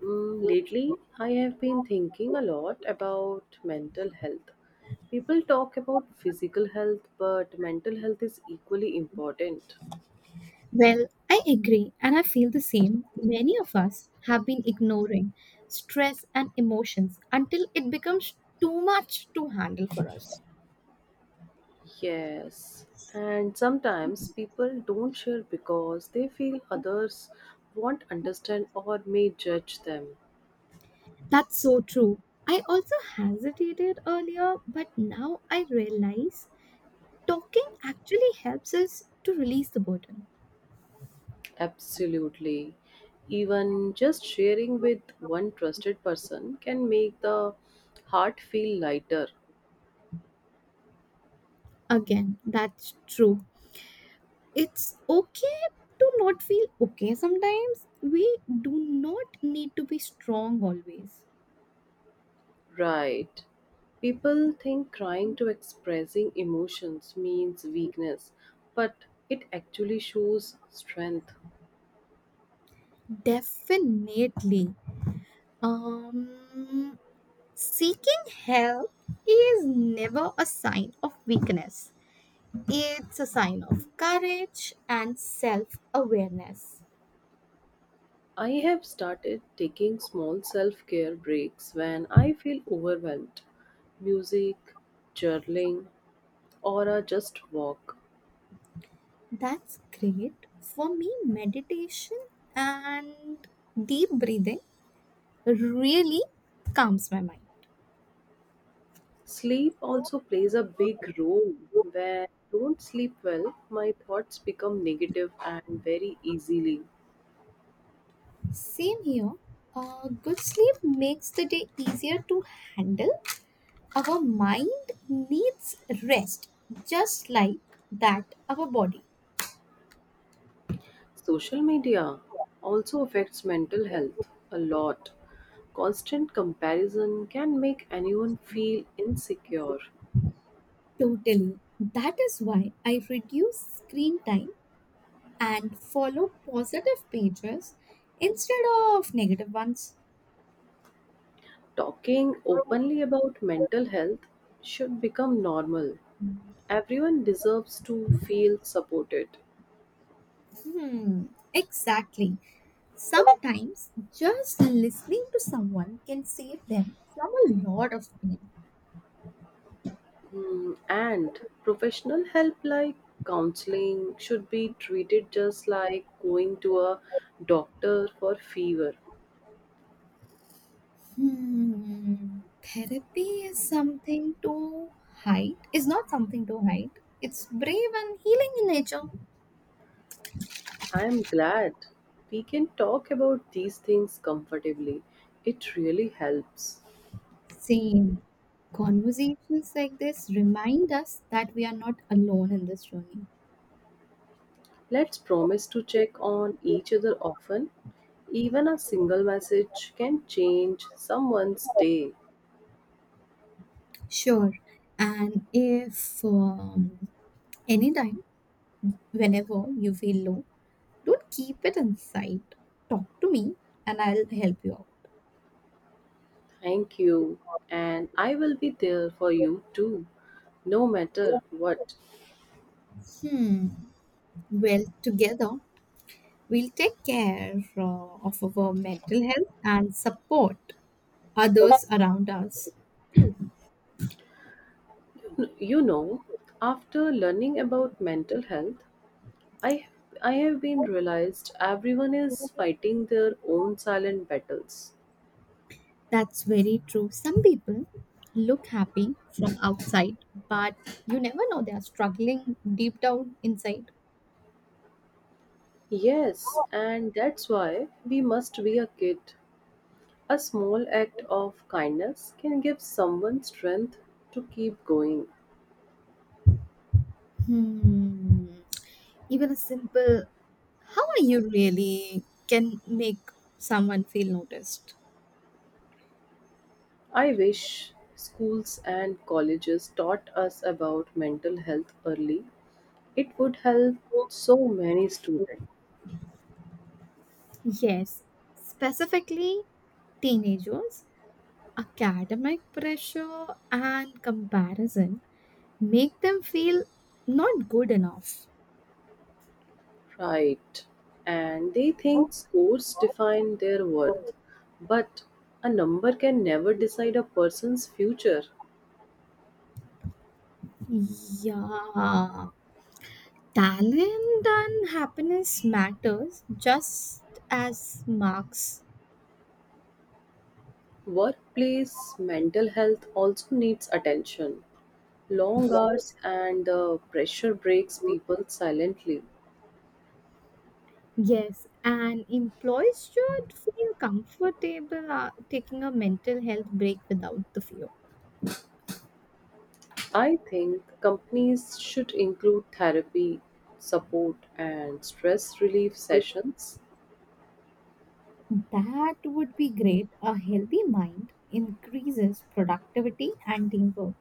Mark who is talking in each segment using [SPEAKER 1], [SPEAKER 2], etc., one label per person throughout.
[SPEAKER 1] Mm, lately, I have been thinking a lot about mental health. People talk about physical health, but mental health is equally important.
[SPEAKER 2] Well, I agree, and I feel the same. Many of us have been ignoring stress and emotions until it becomes too much to handle for us.
[SPEAKER 1] Yes, and sometimes people don't share because they feel others won't understand or may judge them.
[SPEAKER 2] That's so true. I also hesitated earlier, but now I realize talking actually helps us to release the burden.
[SPEAKER 1] Absolutely. Even just sharing with one trusted person can make the heart feel lighter.
[SPEAKER 2] Again, that's true. It's okay to not feel okay sometimes. We do not need to be strong always.
[SPEAKER 1] Right. People think crying to expressing emotions means weakness, but it actually shows strength.
[SPEAKER 2] Definitely. Um, Seeking help is never a sign of weakness. It's a sign of courage and self awareness.
[SPEAKER 1] I have started taking small self care breaks when I feel overwhelmed. Music, journaling, or a just walk.
[SPEAKER 2] That's great. For me, meditation and deep breathing really calms my mind.
[SPEAKER 1] Sleep
[SPEAKER 2] Oh,
[SPEAKER 1] also plays a big role. When I don't sleep well, my thoughts become negative and very easily.
[SPEAKER 2] same here. Good sleep makes the day easier to handle. Our mind needs rest, just like that our body.
[SPEAKER 1] Social media also affects mental health a lot. Constant comparison can make anyone feel insecure.
[SPEAKER 2] Totally. That is why I reduce screen time and follow positive pages instead of negative ones.
[SPEAKER 1] Talking openly about mental health should become normal. Everyone deserves to feel supported.
[SPEAKER 2] Hmm, exactly. Sometimes just listening to someone can save them from a lot of pain.
[SPEAKER 1] Hmm, and professional help like counseling should be treated just like going to a doctor for fever.
[SPEAKER 2] Therapy is something to hide, is not something to hide. It's brave and healing in nature.
[SPEAKER 1] I'm glad we can talk about these things comfortably. It really helps.
[SPEAKER 2] Same. Conversations like this remind us that we are not alone in this journey.
[SPEAKER 1] Let's promise to check on each other often. Even a single message can change someone's day.
[SPEAKER 2] Sure. And if anytime, whenever you feel low, don't keep it inside. Talk to me and I'll help you out.
[SPEAKER 1] Thank you. And I will be there for you too, no matter what.
[SPEAKER 2] Hmm. Well, together, we'll take care of our mental health and support others around us.
[SPEAKER 1] You know, after learning about mental health, I I have been realized everyone is fighting their own silent battles.
[SPEAKER 2] That's very true. Some people look happy from outside, but you never know they are struggling deep down inside.
[SPEAKER 1] Yes, and that's why we must be a kid. A small act of kindness can give someone strength to keep going.
[SPEAKER 2] Hmm. Even a simple "how are you" really can make someone feel noticed.
[SPEAKER 1] I wish schools and colleges taught us about mental health early. It would help
[SPEAKER 2] So,
[SPEAKER 1] so many students.
[SPEAKER 2] Yes, specifically teenagers, academic pressure and comparison make them feel not good enough.
[SPEAKER 1] Right. And they think scores define their worth, but a number can never decide a person's future.
[SPEAKER 2] Yeah. Talent and happiness matters just as marks.
[SPEAKER 1] Workplace mental health also needs attention. Long hours and the pressure breaks people silently.
[SPEAKER 2] Yes, and employees should feel comfortable taking a mental health break without the fear.
[SPEAKER 1] I think companies should include therapy, support, and stress relief sessions.
[SPEAKER 2] That would be great. A healthy mind increases productivity and teamwork.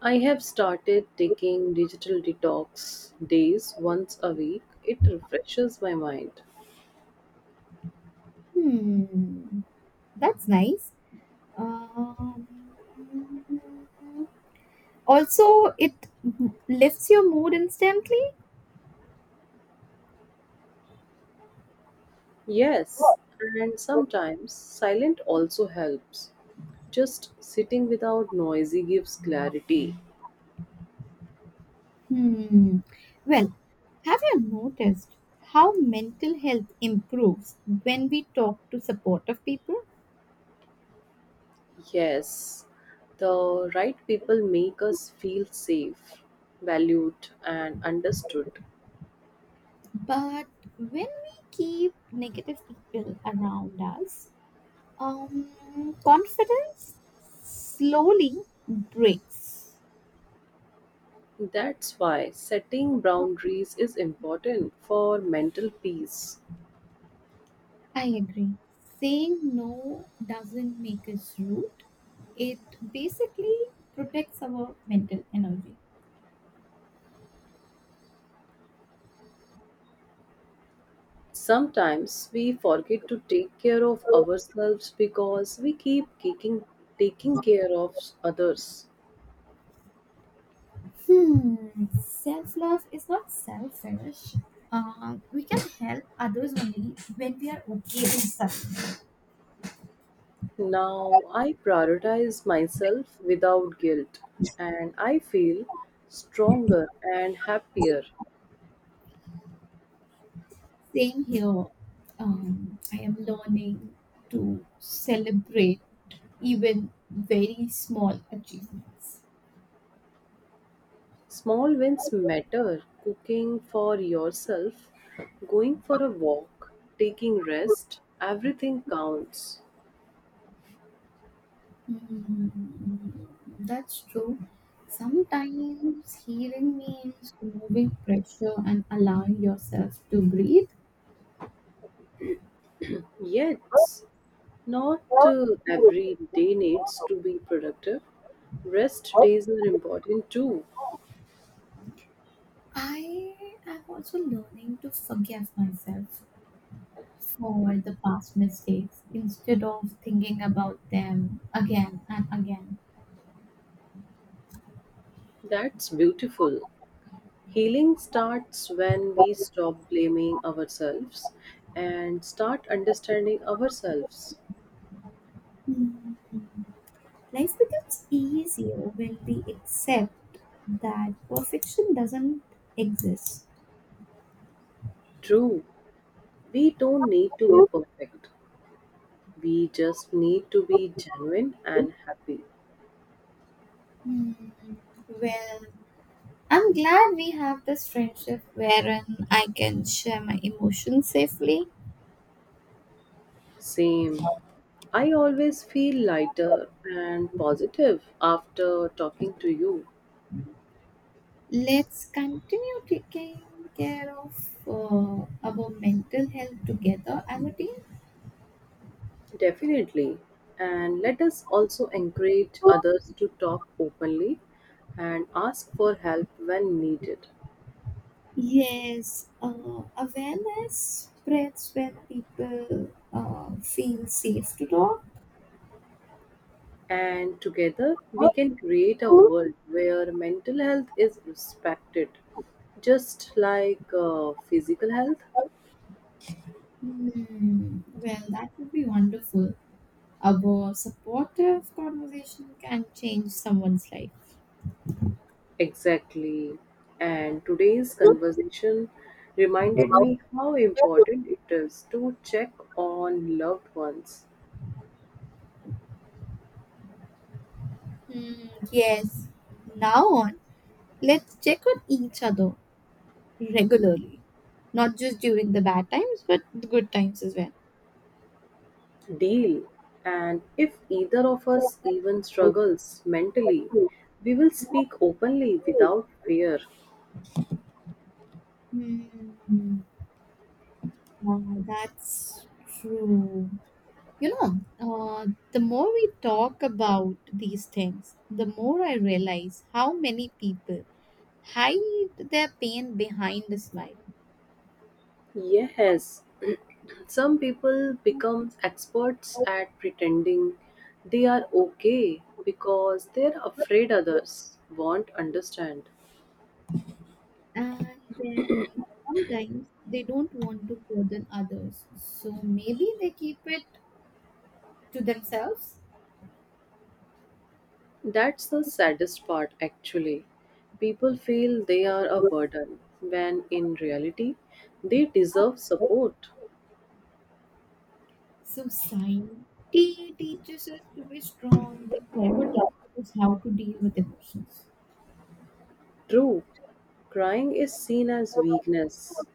[SPEAKER 1] I have started taking digital detox days once a week. It refreshes my mind.
[SPEAKER 2] Hmm, that's nice. Um, Also, it lifts your mood instantly.
[SPEAKER 1] Yes, and sometimes silent also helps. Just sitting without noisy gives clarity.
[SPEAKER 2] Hmm. Well, have you noticed how mental health improves when we talk to supportive people?
[SPEAKER 1] Yes, the right people make us feel safe, valued, and understood.
[SPEAKER 2] But when we keep negative people around us, confidence slowly breaks.
[SPEAKER 1] That's why setting boundaries is important for mental peace.
[SPEAKER 2] I agree. Saying no doesn't make us rude, it basically protects our mental energy.
[SPEAKER 1] Sometimes we forget to take care of ourselves because we keep taking, taking care of others.
[SPEAKER 2] Hmm, self love is not selfish. We can help others only when we are okay with suffering.
[SPEAKER 1] Now I prioritize myself without guilt and I feel stronger and happier.
[SPEAKER 2] Same here. I am learning to celebrate even very small achievements.
[SPEAKER 1] Small wins matter cooking for yourself, going for a walk, taking rest, everything counts.
[SPEAKER 2] Hmm, that's true. Sometimes healing means removing pressure and allowing yourself to breathe.
[SPEAKER 1] Yet, not every day needs to be productive. Rest days are important too.
[SPEAKER 2] I am also learning to forgive myself for the past mistakes instead of thinking about them again and again.
[SPEAKER 1] That's beautiful. Healing starts when we stop blaming ourselves and start understanding ourselves.
[SPEAKER 2] Hmm. Life becomes easier when we accept that perfection doesn't exist.
[SPEAKER 1] True, we don't need to be perfect. We just need to be genuine and happy.
[SPEAKER 2] Hmm. Well, I'm glad we have this friendship wherein I can share my emotions safely.
[SPEAKER 1] Same. I always feel lighter and positive after talking to you.
[SPEAKER 2] Let's continue taking care of our mental health together, Amity.
[SPEAKER 1] Definitely. And let us also encourage others to talk openly and ask for help when needed.
[SPEAKER 2] Yes, awareness spreads when people feel safe to talk.
[SPEAKER 1] And together we can create a world where mental health is respected, just like physical health.
[SPEAKER 2] Hmm. Well, that would be wonderful. A supportive conversation can change someone's life.
[SPEAKER 1] Exactly. And today's conversation reminded me how important it is to check on loved ones,
[SPEAKER 2] Hmm, yes. Now on, let's check on each other regularly, not just during the bad times, but the good times as well.
[SPEAKER 1] deal, and if either of us even struggles mentally, we will speak openly without fear.
[SPEAKER 2] Hmm. Wow, that's true. You know, uh, the more we talk about these things, the more I realize how many people hide their pain behind a smile.
[SPEAKER 1] Yes, some people become experts at pretending they are okay because they're afraid others won't understand.
[SPEAKER 2] And then sometimes they don't want to burden others. So maybe they keep it to themselves.
[SPEAKER 1] That's the saddest part, actually. People feel they are a burden, when in reality, they deserve support.
[SPEAKER 2] So society teaches us to be strong, but never teaches us how to deal with emotions.
[SPEAKER 1] True, crying is seen as weakness,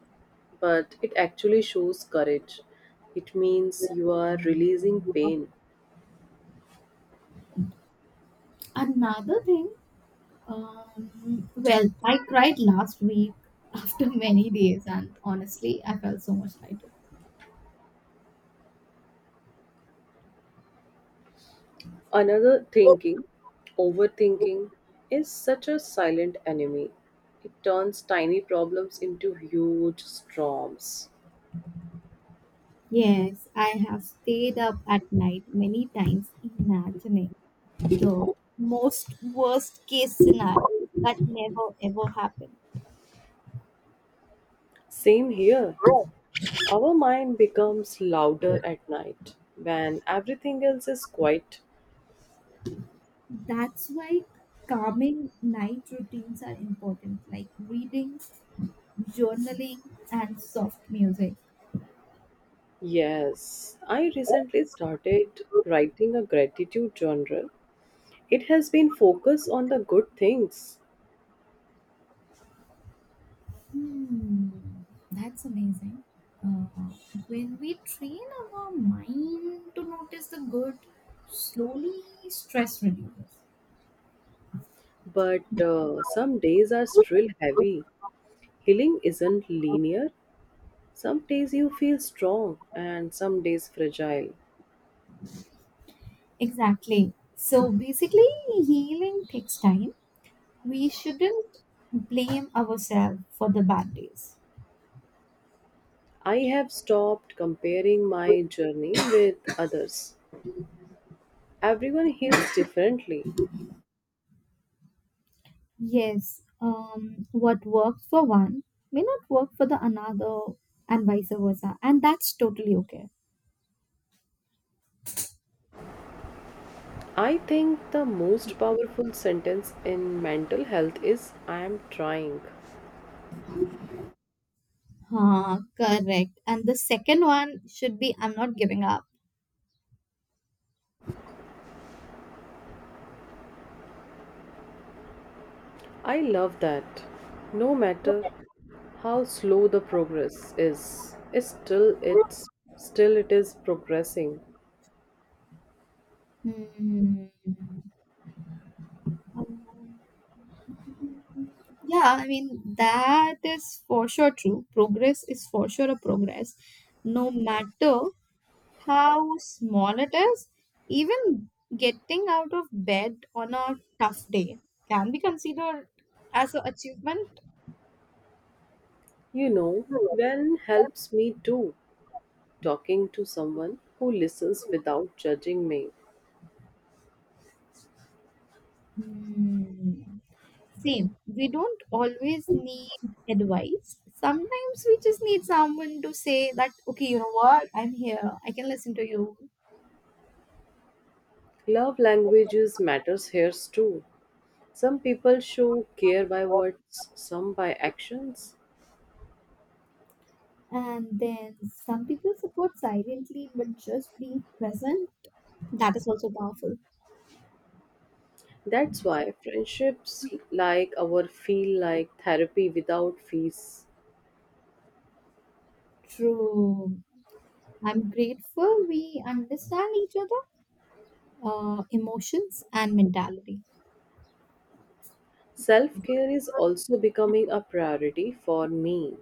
[SPEAKER 1] but it actually shows courage. It means you are releasing pain.
[SPEAKER 2] Another thing. Well, I cried last week after many days, and honestly, I felt so much lighter.
[SPEAKER 1] Another thinking, overthinking, is such a silent enemy. It turns tiny problems into huge storms.
[SPEAKER 2] Yes, I have stayed up at night many times imagining the most worst case scenario that never ever happened.
[SPEAKER 1] Same here. Our mind becomes louder at night when everything else is quiet.
[SPEAKER 2] That's why calming night routines are important, like reading, journaling, and soft music.
[SPEAKER 1] Yes, I recently started writing a gratitude journal. It has been focused on the good things,
[SPEAKER 2] Hmm, that's amazing. Uh, when we train our mind to notice the good, slowly stress reduces.
[SPEAKER 1] but some days are still heavy. Healing isn't linear. Some days you feel strong and some days fragile.
[SPEAKER 2] Exactly. So basically, healing takes time. We shouldn't blame ourselves for the bad days.
[SPEAKER 1] I have stopped comparing my journey with others. Everyone heals differently.
[SPEAKER 2] Yes, what works for one may not work for the another, and vice versa, and that's totally okay.
[SPEAKER 1] I think the most powerful sentence in mental health is I am trying.
[SPEAKER 2] Ah, correct. And the second one should be "I'm not giving up."
[SPEAKER 1] I love that. No matter how slow the progress is, it's still it is progressing.
[SPEAKER 2] Hmm. Um, yeah, I mean, that is for sure true. Progress is for sure a progress, no matter how small it is. Even getting out of bed on a tough day can be considered as an achievement.
[SPEAKER 1] You know, when helps me too, talking to someone who listens without judging me.
[SPEAKER 2] Hmm. Same. We don't always need advice. Sometimes we just need someone to say that, okay, you know what? I'm here. I can listen to you.
[SPEAKER 1] Love languages matters here too. Some people show care by words, some by actions.
[SPEAKER 2] And then some people support silently, but just being present, that is also powerful.
[SPEAKER 1] That's why friendships like our feel like therapy without fees.
[SPEAKER 2] True. I'm grateful we understand each other, emotions, and mentality.
[SPEAKER 1] Self care is also becoming a priority for me.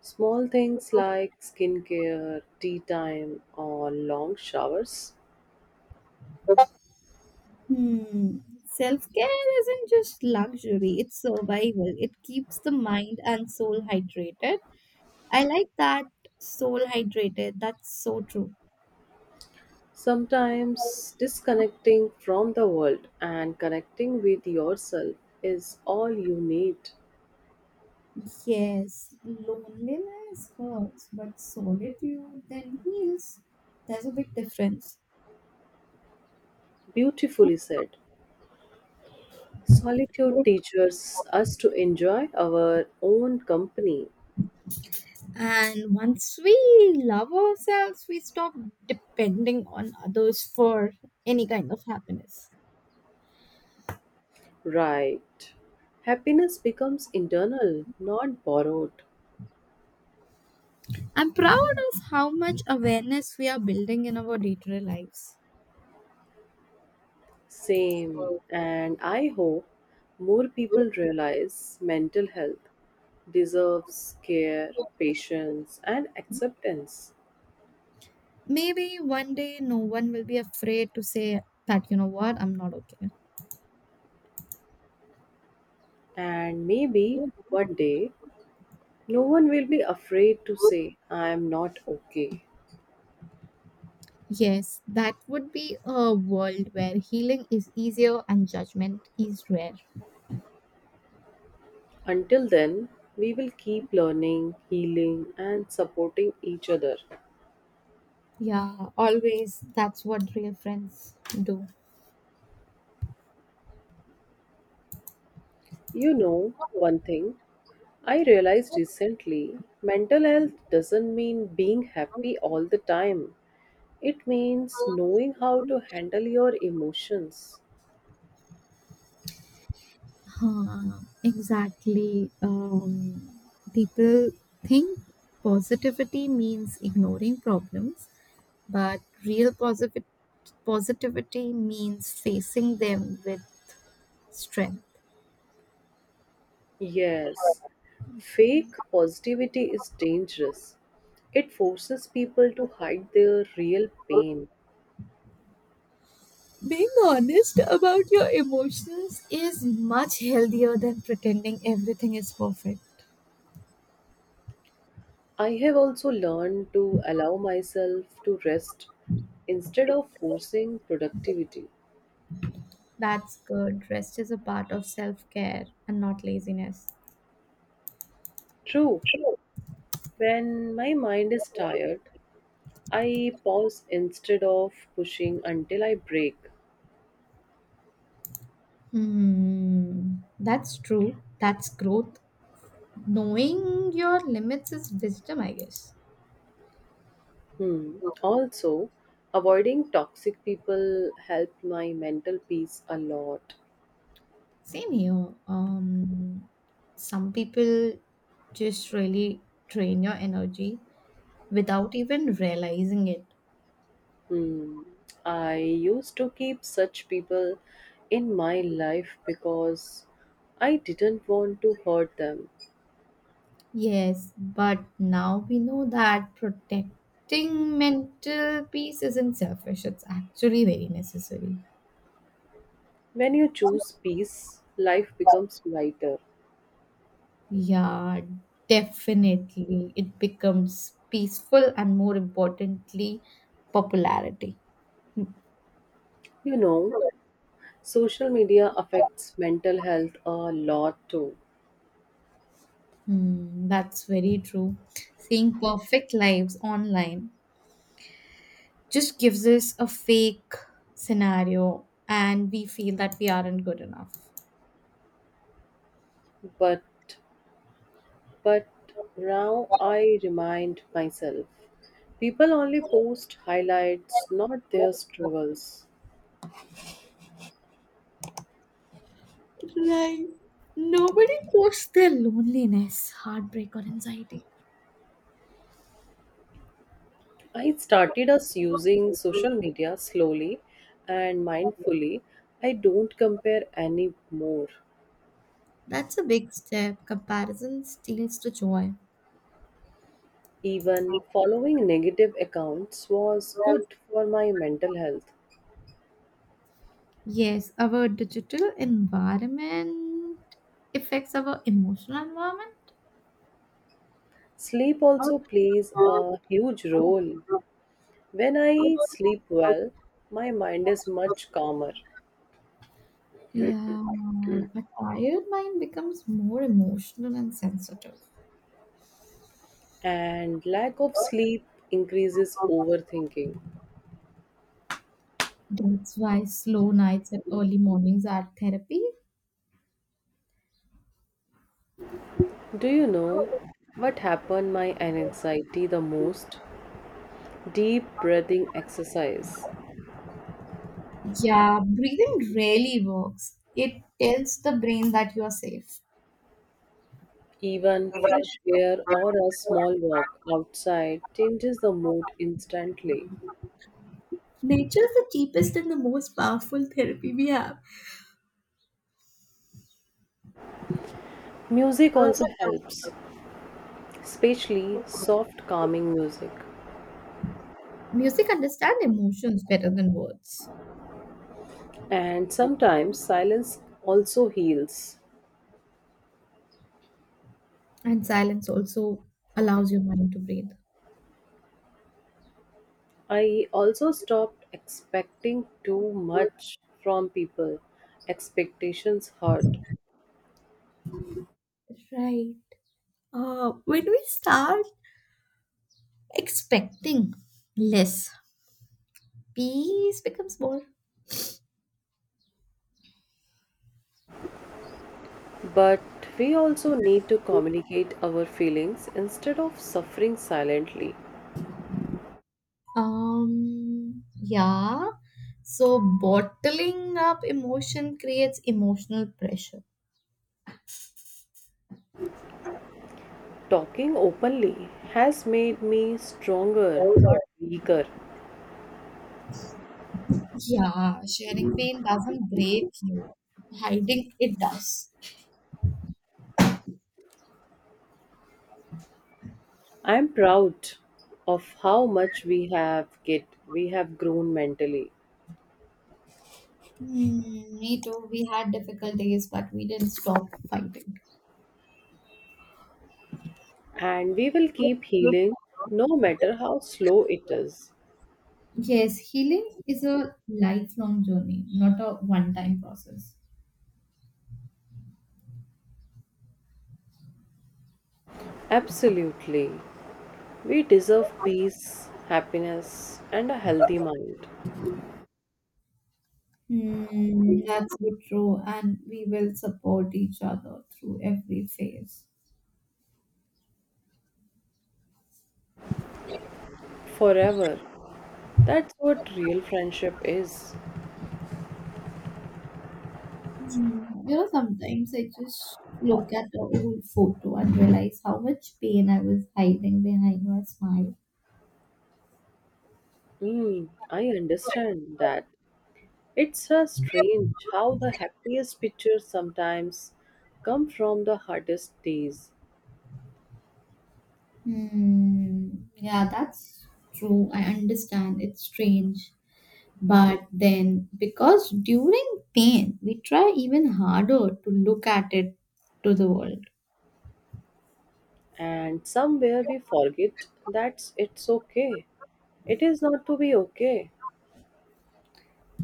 [SPEAKER 1] Small things like skincare, tea time, or long showers.
[SPEAKER 2] Hmm. Self care isn't just luxury, it's survival. It keeps the mind and soul hydrated. I like that, soul hydrated. That's so true.
[SPEAKER 1] Sometimes disconnecting from the world and connecting with yourself is all you need.
[SPEAKER 2] Yes, loneliness hurts, but solitude then heals. There's a big difference.
[SPEAKER 1] Beautifully said. Solitude teaches us to enjoy our own company.
[SPEAKER 2] And once we love ourselves, we stop depending on others for any kind of happiness.
[SPEAKER 1] Right. Happiness becomes internal, not borrowed.
[SPEAKER 2] I'm proud of how much awareness we are building in our day to day lives.
[SPEAKER 1] Same. And I hope more people realize mental health deserves care, patience, and acceptance.
[SPEAKER 2] Maybe one day no one will be afraid to say that, you know what, I'm not okay.
[SPEAKER 1] And maybe one day, no one will be afraid to say, I am not okay.
[SPEAKER 2] Yes, that would be a world where healing is easier and judgment is rare.
[SPEAKER 1] Until then, we will keep learning, healing, and supporting each other.
[SPEAKER 2] Yeah, always. That's what real friends do.
[SPEAKER 1] You know, one thing I realized recently mental health doesn't mean being happy all the time. It means knowing how to handle your emotions.
[SPEAKER 2] Huh, exactly. People think positivity means ignoring problems, but real positive positivity means facing them with strength.
[SPEAKER 1] Yes, fake positivity is dangerous. It forces people to hide their real pain.
[SPEAKER 2] Being honest about your emotions is much healthier than pretending everything is perfect.
[SPEAKER 1] I have also learned to allow myself to rest instead of forcing productivity.
[SPEAKER 2] That's good. Rest is a part of self care and not laziness.
[SPEAKER 1] True, when my mind is tired, I pause instead of pushing until I break.
[SPEAKER 2] Hmm. That's true. That's growth. Knowing your limits is wisdom, I guess.
[SPEAKER 1] Hmm. Also, avoiding toxic people helped my mental peace a lot.
[SPEAKER 2] Same here. Some people just really drain your energy without even realizing it.
[SPEAKER 1] Hmm. I used to keep such people in my life because I didn't want to hurt them.
[SPEAKER 2] Yes, but now we know that protecting mental peace isn't selfish, it's actually very necessary.
[SPEAKER 1] When you choose peace, life becomes lighter.
[SPEAKER 2] Yeah, definitely. It becomes peaceful and more importantly, popularity.
[SPEAKER 1] You know, social media affects mental health a lot too.
[SPEAKER 2] Hmm, that's very true. Seeing perfect lives online just gives us a fake scenario and we feel that we aren't good enough.
[SPEAKER 1] But But now I remind myself people only post highlights, not their struggles.
[SPEAKER 2] Right. Nobody posts their loneliness, heartbreak, or anxiety.
[SPEAKER 1] I started us using social media slowly and mindfully. I don't compare anymore.
[SPEAKER 2] That's a big step. Comparison steals the joy.
[SPEAKER 1] Even following negative accounts was good for my mental health.
[SPEAKER 2] Yes, our digital environment affects our emotional environment.
[SPEAKER 1] Sleep also plays a huge role. When I sleep well, my mind is much calmer.
[SPEAKER 2] Yeah, a tired mind becomes more emotional and sensitive.
[SPEAKER 1] And lack of sleep increases overthinking.
[SPEAKER 2] That's why slow nights and early mornings are therapy.
[SPEAKER 1] Do you know what happened my anxiety the most? Deep breathing exercise.
[SPEAKER 2] Yeah, breathing really works. It tells the brain that you are safe.
[SPEAKER 1] Even fresh air or a small walk outside changes the mood instantly.
[SPEAKER 2] Nature is the cheapest and the most powerful therapy we have.
[SPEAKER 1] Music also helps, especially soft calming music.
[SPEAKER 2] Music understand emotions better than words.
[SPEAKER 1] And sometimes silence also heals.
[SPEAKER 2] And silence also allows your mind to breathe.
[SPEAKER 1] I also stopped expecting too much from people. Expectations hurt.
[SPEAKER 2] Right. When we start expecting less, peace becomes more.
[SPEAKER 1] But we also need to communicate our feelings instead of suffering silently.
[SPEAKER 2] Yeah. So bottling up emotion creates emotional pressure.
[SPEAKER 1] Talking openly has made me stronger, not weaker.
[SPEAKER 2] Yeah, sharing pain doesn't break you. Hiding it does.
[SPEAKER 1] I'm proud of how much we have get we have grown mentally,
[SPEAKER 2] Hmm, me too. We had difficult days, but we didn't stop fighting.
[SPEAKER 1] and we will keep healing no matter how slow it is.
[SPEAKER 2] Yes, healing is a lifelong journey, not a one time process.
[SPEAKER 1] Absolutely. We deserve peace, happiness, and a healthy mind
[SPEAKER 2] Hmm, that's so true. And we will support each other through every phase.
[SPEAKER 1] forever. That's what real friendship is.
[SPEAKER 2] Hmm, you know, sometimes I just look at the old photo and realize how much pain I was hiding behind my smile.
[SPEAKER 1] Hmm, I understand that. It's a strange how the happiest pictures sometimes come from the hardest days,
[SPEAKER 2] Hmm. Yeah, that's true. I understand. It's strange. But then, because during pain, we try even harder to look at it to the world.
[SPEAKER 1] and somewhere we forget that it's okay. It is not to be okay.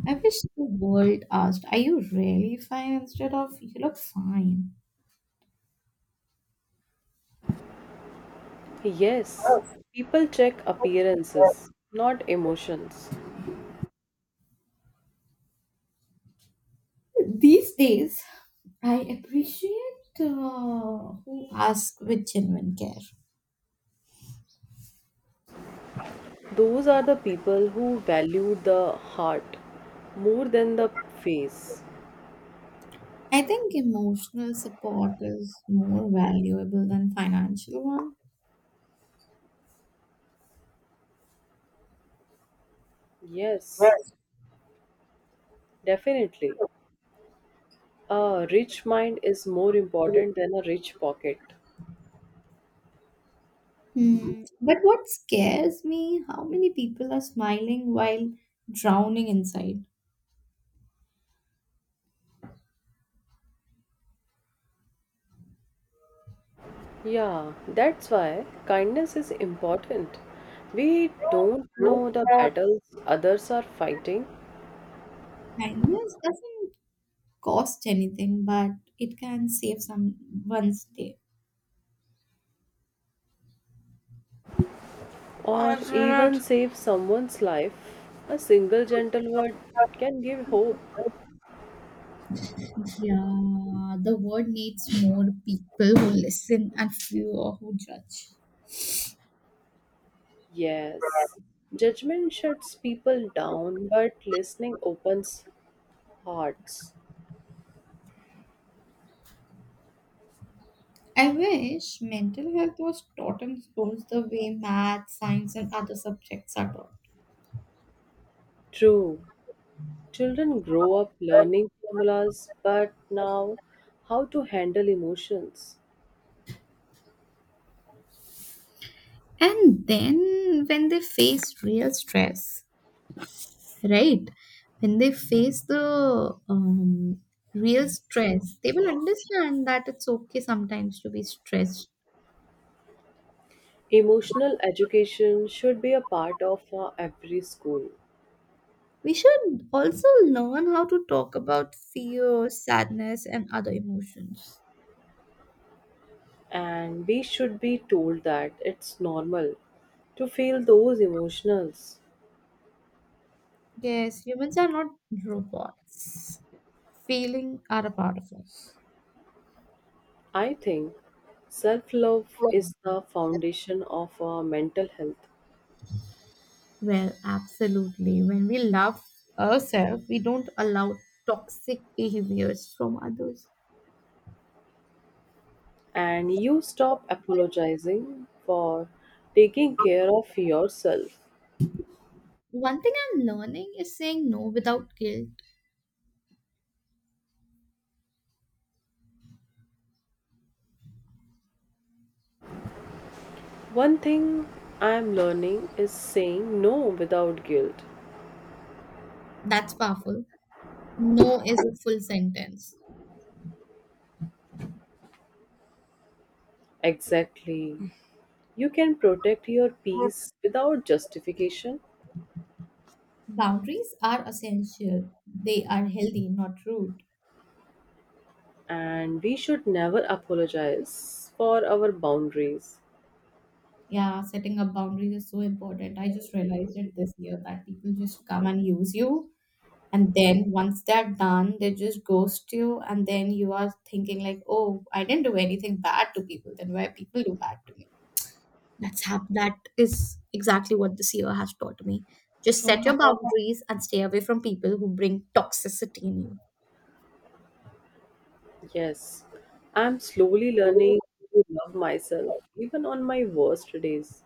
[SPEAKER 2] I wish the world asked, "Are you really fine?" instead of "you look fine."
[SPEAKER 1] Yes, people check appearances, not emotions.
[SPEAKER 2] These days, I appreciate who ask with genuine care.
[SPEAKER 1] Those are the people who value the heart more than the face.
[SPEAKER 2] I think emotional support is more valuable than financial one. Hmm.
[SPEAKER 1] Yes, definitely. A rich mind is more important than a rich pocket.
[SPEAKER 2] But what scares me, how many people are smiling while drowning inside?
[SPEAKER 1] Yeah, that's why kindness is important. We don't know the battles others are fighting,
[SPEAKER 2] Kindness doesn't cost anything, but it can save someone's day.
[SPEAKER 1] or even save someone's life. A single gentle word can give hope.
[SPEAKER 2] Yeah, the world needs more people who listen and fewer who judge.
[SPEAKER 1] Yes, judgment shuts people down, but listening opens hearts.
[SPEAKER 2] I wish mental health was taught in schools the way math, science, and other subjects are taught.
[SPEAKER 1] True. Children grow up learning formulas, but now how to handle emotions.
[SPEAKER 2] And then when they face real stress, right when they face the real stress they will understand that it's okay sometimes to be stressed.
[SPEAKER 1] Emotional education should be a part of every school,
[SPEAKER 2] We should also learn how to talk about fear sadness and other emotions.
[SPEAKER 1] and we should be told that it's normal to feel those emotions.
[SPEAKER 2] Yes humans are not robots, feeling are a part of us.
[SPEAKER 1] I think self love is the foundation of our mental health,
[SPEAKER 2] Well absolutely, when we love ourselves we don't allow toxic behaviors from others.
[SPEAKER 1] and you stop apologizing for taking care of yourself.
[SPEAKER 2] One thing I'm learning is saying no without guilt.
[SPEAKER 1] One thing I'm learning is saying no without guilt.
[SPEAKER 2] That's powerful. No is a full sentence.
[SPEAKER 1] Exactly. You can protect your peace without justification,
[SPEAKER 2] Boundaries are essential. They are healthy, not rude.
[SPEAKER 1] and we should never apologize for our boundaries.
[SPEAKER 2] Yeah, setting up boundaries is so important. I just realized it this year that people just come and use you. And then once they're done, they just ghost you. And then you are thinking, like, oh, I didn't do anything bad to people. Then why people do bad to me? That's how, that is exactly what this year has taught me. Just set your boundaries and stay away from people who bring toxicity in you.
[SPEAKER 1] Yes, I'm slowly learning to love myself even on my worst days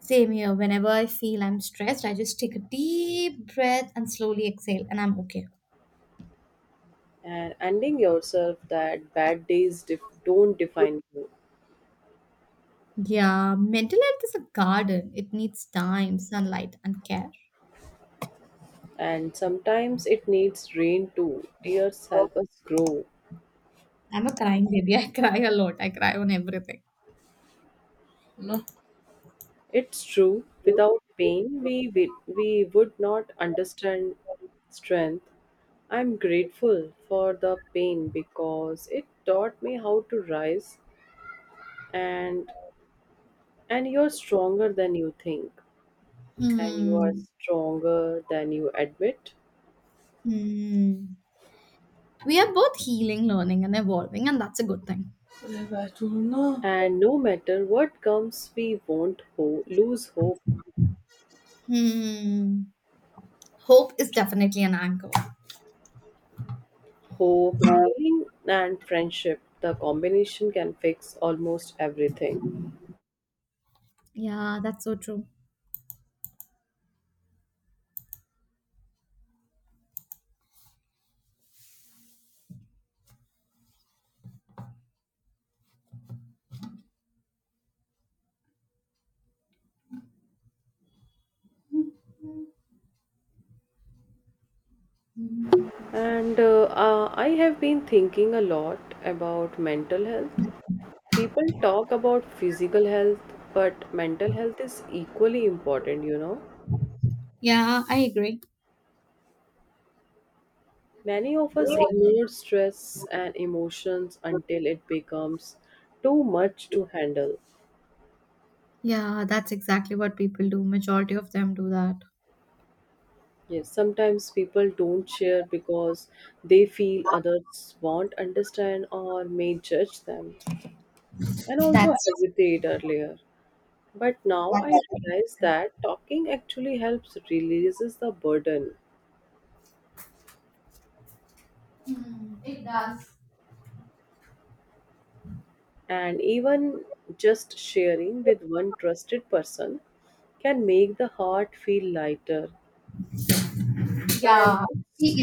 [SPEAKER 2] Same here. Whenever I feel I'm stressed, I just take a deep breath and slowly exhale, and I'm okay.
[SPEAKER 1] and ending yourself that don't define you.
[SPEAKER 2] Yeah, mental health is a garden. It needs time, sunlight, and care.
[SPEAKER 1] And sometimes it needs rain too. Tears help us grow.
[SPEAKER 2] I'm a crying baby. I cry a lot. I cry on everything.
[SPEAKER 1] It's true, without pain, we would not understand strength. I'm grateful for the pain because it taught me how to rise and and you're stronger than you think, and you are
[SPEAKER 2] Hmm.
[SPEAKER 1] stronger than you admit.
[SPEAKER 2] Hmm. We are both healing, learning, and evolving, and that's a good thing.
[SPEAKER 1] Revatuna. And no matter what comes, we won't lose hope.
[SPEAKER 2] Hmm. Hope is definitely an anchor.
[SPEAKER 1] Hope, healing, and friendship, the combination can fix almost everything.
[SPEAKER 2] Yeah, that's so true. Mhm.
[SPEAKER 1] And I have been thinking a lot about mental health. People talk about physical health, but mental health is equally important, you know.
[SPEAKER 2] Yeah, I agree.
[SPEAKER 1] Many of us ignore stress and emotions until it becomes too much to handle.
[SPEAKER 2] Yeah, that's exactly what people do. Majority of them do that.
[SPEAKER 1] Yes, sometimes people don't share because they feel others won't understand or may judge them and also
[SPEAKER 2] That's,
[SPEAKER 1] hesitate earlier. But now I
[SPEAKER 2] that's
[SPEAKER 1] realize that talking actually helps releases the burden and even just sharing with one trusted person can make the heart feel lighter. And it's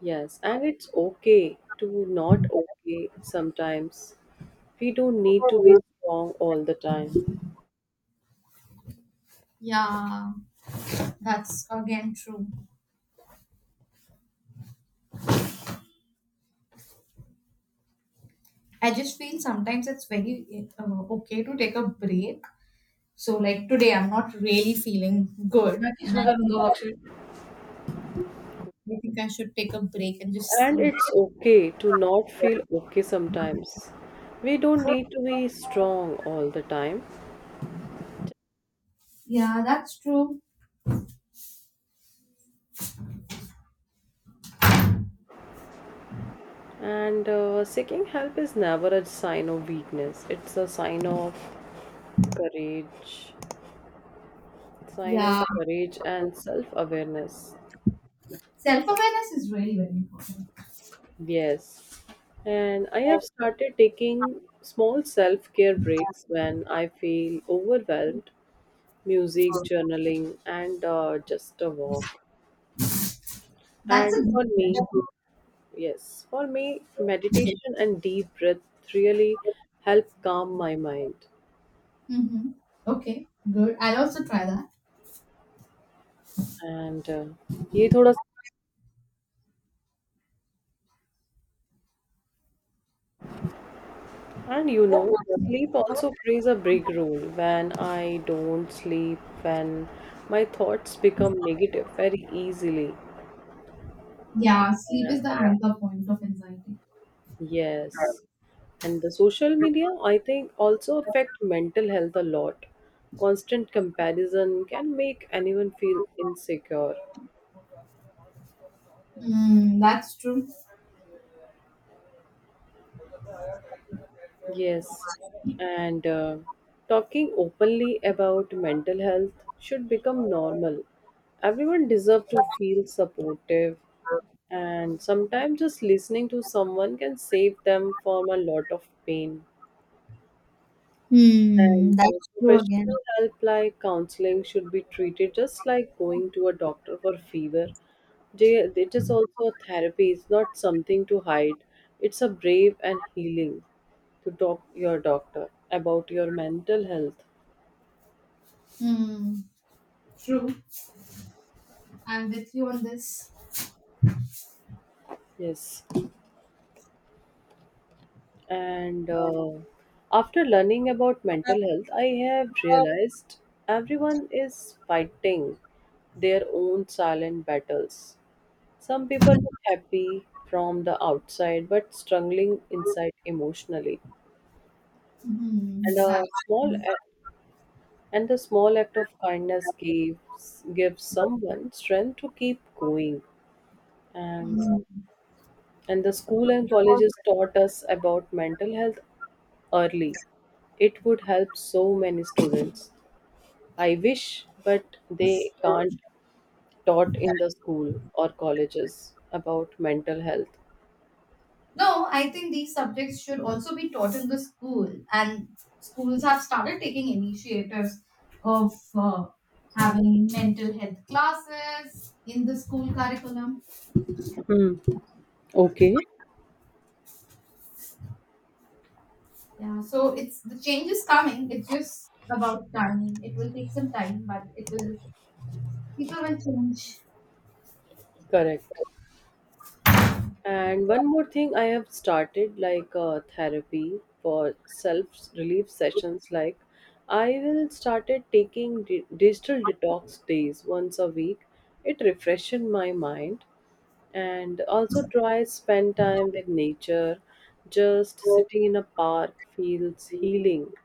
[SPEAKER 1] yes, and it's okay to not okay sometimes. We don't need to be strong all the time.
[SPEAKER 2] yeah, that's again true. I just feel sometimes it's very okay to take a break. So like today, I'm not really feeling good,
[SPEAKER 1] मैं
[SPEAKER 2] and
[SPEAKER 1] इसमें
[SPEAKER 2] I think,
[SPEAKER 1] करूंगा
[SPEAKER 2] I
[SPEAKER 1] बख्शिश.
[SPEAKER 2] think I should take a break and just
[SPEAKER 1] And
[SPEAKER 2] sleep.
[SPEAKER 1] it's okay to not feel okay sometimes. We don't need to be strong all the time.
[SPEAKER 2] Yeah, that's true.
[SPEAKER 1] And seeking help is never a sign of weakness. It's a sign of courage, sign of
[SPEAKER 2] Yeah.
[SPEAKER 1] courage and self-awareness.
[SPEAKER 2] Self awareness is really very important.
[SPEAKER 1] Yes. And I have started taking small self-care breaks when I feel overwhelmed. Music, journaling, and just a walk.
[SPEAKER 2] That's a
[SPEAKER 1] And
[SPEAKER 2] good
[SPEAKER 1] for
[SPEAKER 2] idea.
[SPEAKER 1] me, yes, for me, meditation and deep breath really help calm my mind.
[SPEAKER 2] Mm-hmm. Okay, good. I'll also try that.
[SPEAKER 1] And ये थोड़ा. And you know, sleep also plays a big role. When I don't sleep, when my thoughts become negative very easily.
[SPEAKER 2] Yeah, sleep
[SPEAKER 1] Yeah.
[SPEAKER 2] is the anchor point of anxiety.
[SPEAKER 1] Yes. And the social media, I think, also affect mental health a lot. Constant comparison can make anyone feel insecure.
[SPEAKER 2] Mm, that's true.
[SPEAKER 1] Yes, and talking openly about mental health should become normal. Everyone deserves to feel supportive, and sometimes just listening to someone can save them from a lot of pain.
[SPEAKER 2] Hmm,
[SPEAKER 1] And
[SPEAKER 2] that's true again.
[SPEAKER 1] Professional help like counseling should be treated just like going to a doctor for fever. They, it is also a therapy, it's not something to hide. It's a brave and healing to talk your doctor about your mental health.
[SPEAKER 2] Mm, true. I'm with you on this.
[SPEAKER 1] Yes. And After learning about mental health, I have realized everyone is fighting their own silent battles. Some people look happy from the outside but struggling inside emotionally.
[SPEAKER 2] Mm,
[SPEAKER 1] And a
[SPEAKER 2] that's,
[SPEAKER 1] small act and the small act of kindness gives someone strength to keep going. And and the school and colleges taught us about mental health early. It would help so many students. I wish, but they
[SPEAKER 2] mm,
[SPEAKER 1] can't taught in the school or colleges about mental health.
[SPEAKER 2] no, I think these subjects should also be taught in the school, and schools have started taking initiatives of having mental health classes in the school curriculum.
[SPEAKER 1] Hmm. Okay.
[SPEAKER 2] Yeah, so it's the change is coming. It's just about time. It will take some time, but it will. People will change.
[SPEAKER 1] Correct. And one more thing, I have started like therapy for self relief sessions. Like, I will started taking digital detox days once a week. It refreshes my mind, and also try spend time with nature. Just sitting in a park feels healing,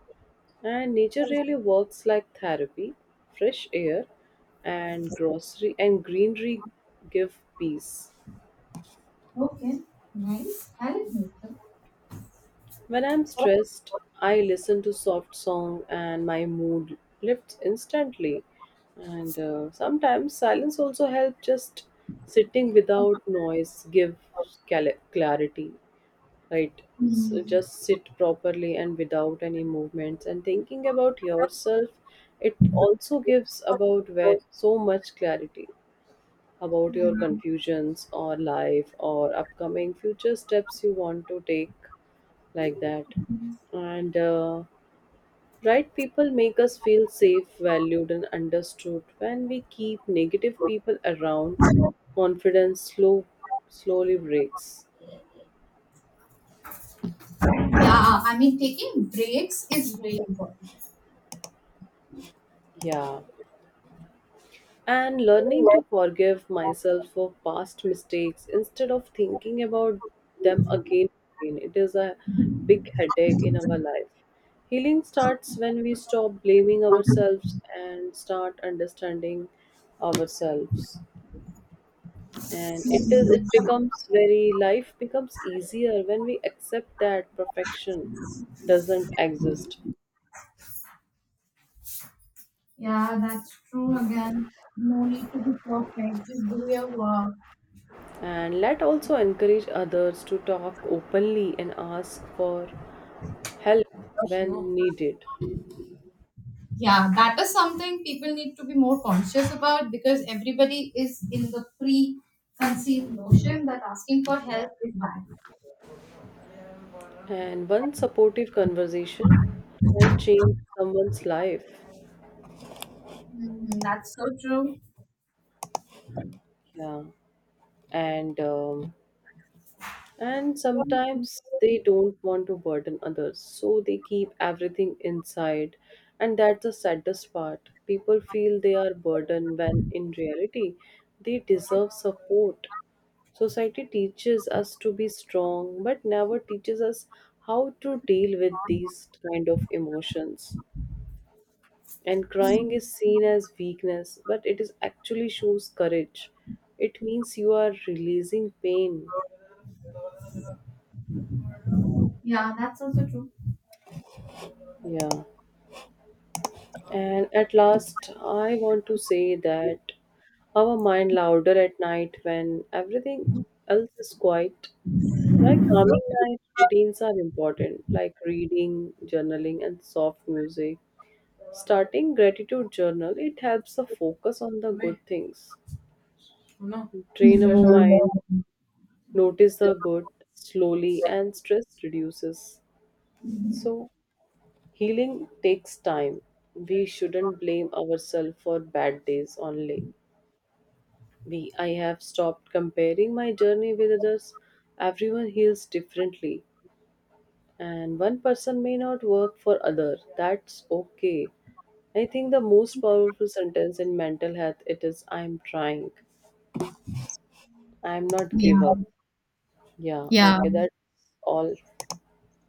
[SPEAKER 1] and nature really works like therapy. Fresh air and grocery and greenery give peace.
[SPEAKER 2] Okay, nice. I like nature.
[SPEAKER 1] When I'm stressed, I listen to soft song and my mood lifts instantly. And Sometimes silence also helps just sitting without noise gives clarity, right? So
[SPEAKER 2] Hmm.
[SPEAKER 1] just sit properly and without any movements and thinking about yourself, it also gives about where so much clarity about
[SPEAKER 2] Yeah.
[SPEAKER 1] your confusions or life or upcoming future steps you want to take like that and right people make us feel safe valued and understood. When we keep negative people around, confidence slowly breaks.
[SPEAKER 2] Yeah, I mean, taking breaks is very important.
[SPEAKER 1] Yeah. And learning to forgive myself for past mistakes instead of thinking about them again and again. It is a big headache in our life. Healing starts when we stop blaming ourselves and start understanding ourselves. And it becomes very, life becomes easier when we accept that perfection doesn't exist.
[SPEAKER 2] Yeah, that's true again. No need to be perfect, just do your work.
[SPEAKER 1] And let also encourage others to talk openly and ask for help when needed.
[SPEAKER 2] Yeah, that is something people need to be more conscious about because everybody is in the preconceived notion that asking for help is bad.
[SPEAKER 1] And one supportive conversation can change someone's life.
[SPEAKER 2] Hmm, that's so true.
[SPEAKER 1] Yeah. And um, and sometimes they don't want to burden others, so they keep everything inside. And that's the saddest part. People feel they are burdened when in reality they deserve support. Society teaches us to be strong, but never teaches us how to deal with these kind of emotions. And crying
[SPEAKER 2] Mhm.
[SPEAKER 1] is seen as weakness, but it is actually shows courage. It means you are releasing pain.
[SPEAKER 2] Yeah, that's also true.
[SPEAKER 1] Yeah. And at last, I want to say that our mind louder at night when everything else is quiet. Like, calming night routines are important, like reading, journaling, and soft music. Starting gratitude journal, it helps the focus on the good things, drain our mind,
[SPEAKER 2] Mhm.
[SPEAKER 1] notice the good slowly, and stress reduces. So, healing takes time. We shouldn't blame ourselves for bad days only. I have stopped comparing my journey with others. Everyone heals differently, and one person may not work for other. That's okay. I think the most powerful sentence in mental health, it is I'm trying. I'm not give
[SPEAKER 2] Yeah,
[SPEAKER 1] up. Yeah,
[SPEAKER 2] yeah.
[SPEAKER 1] okay, that's all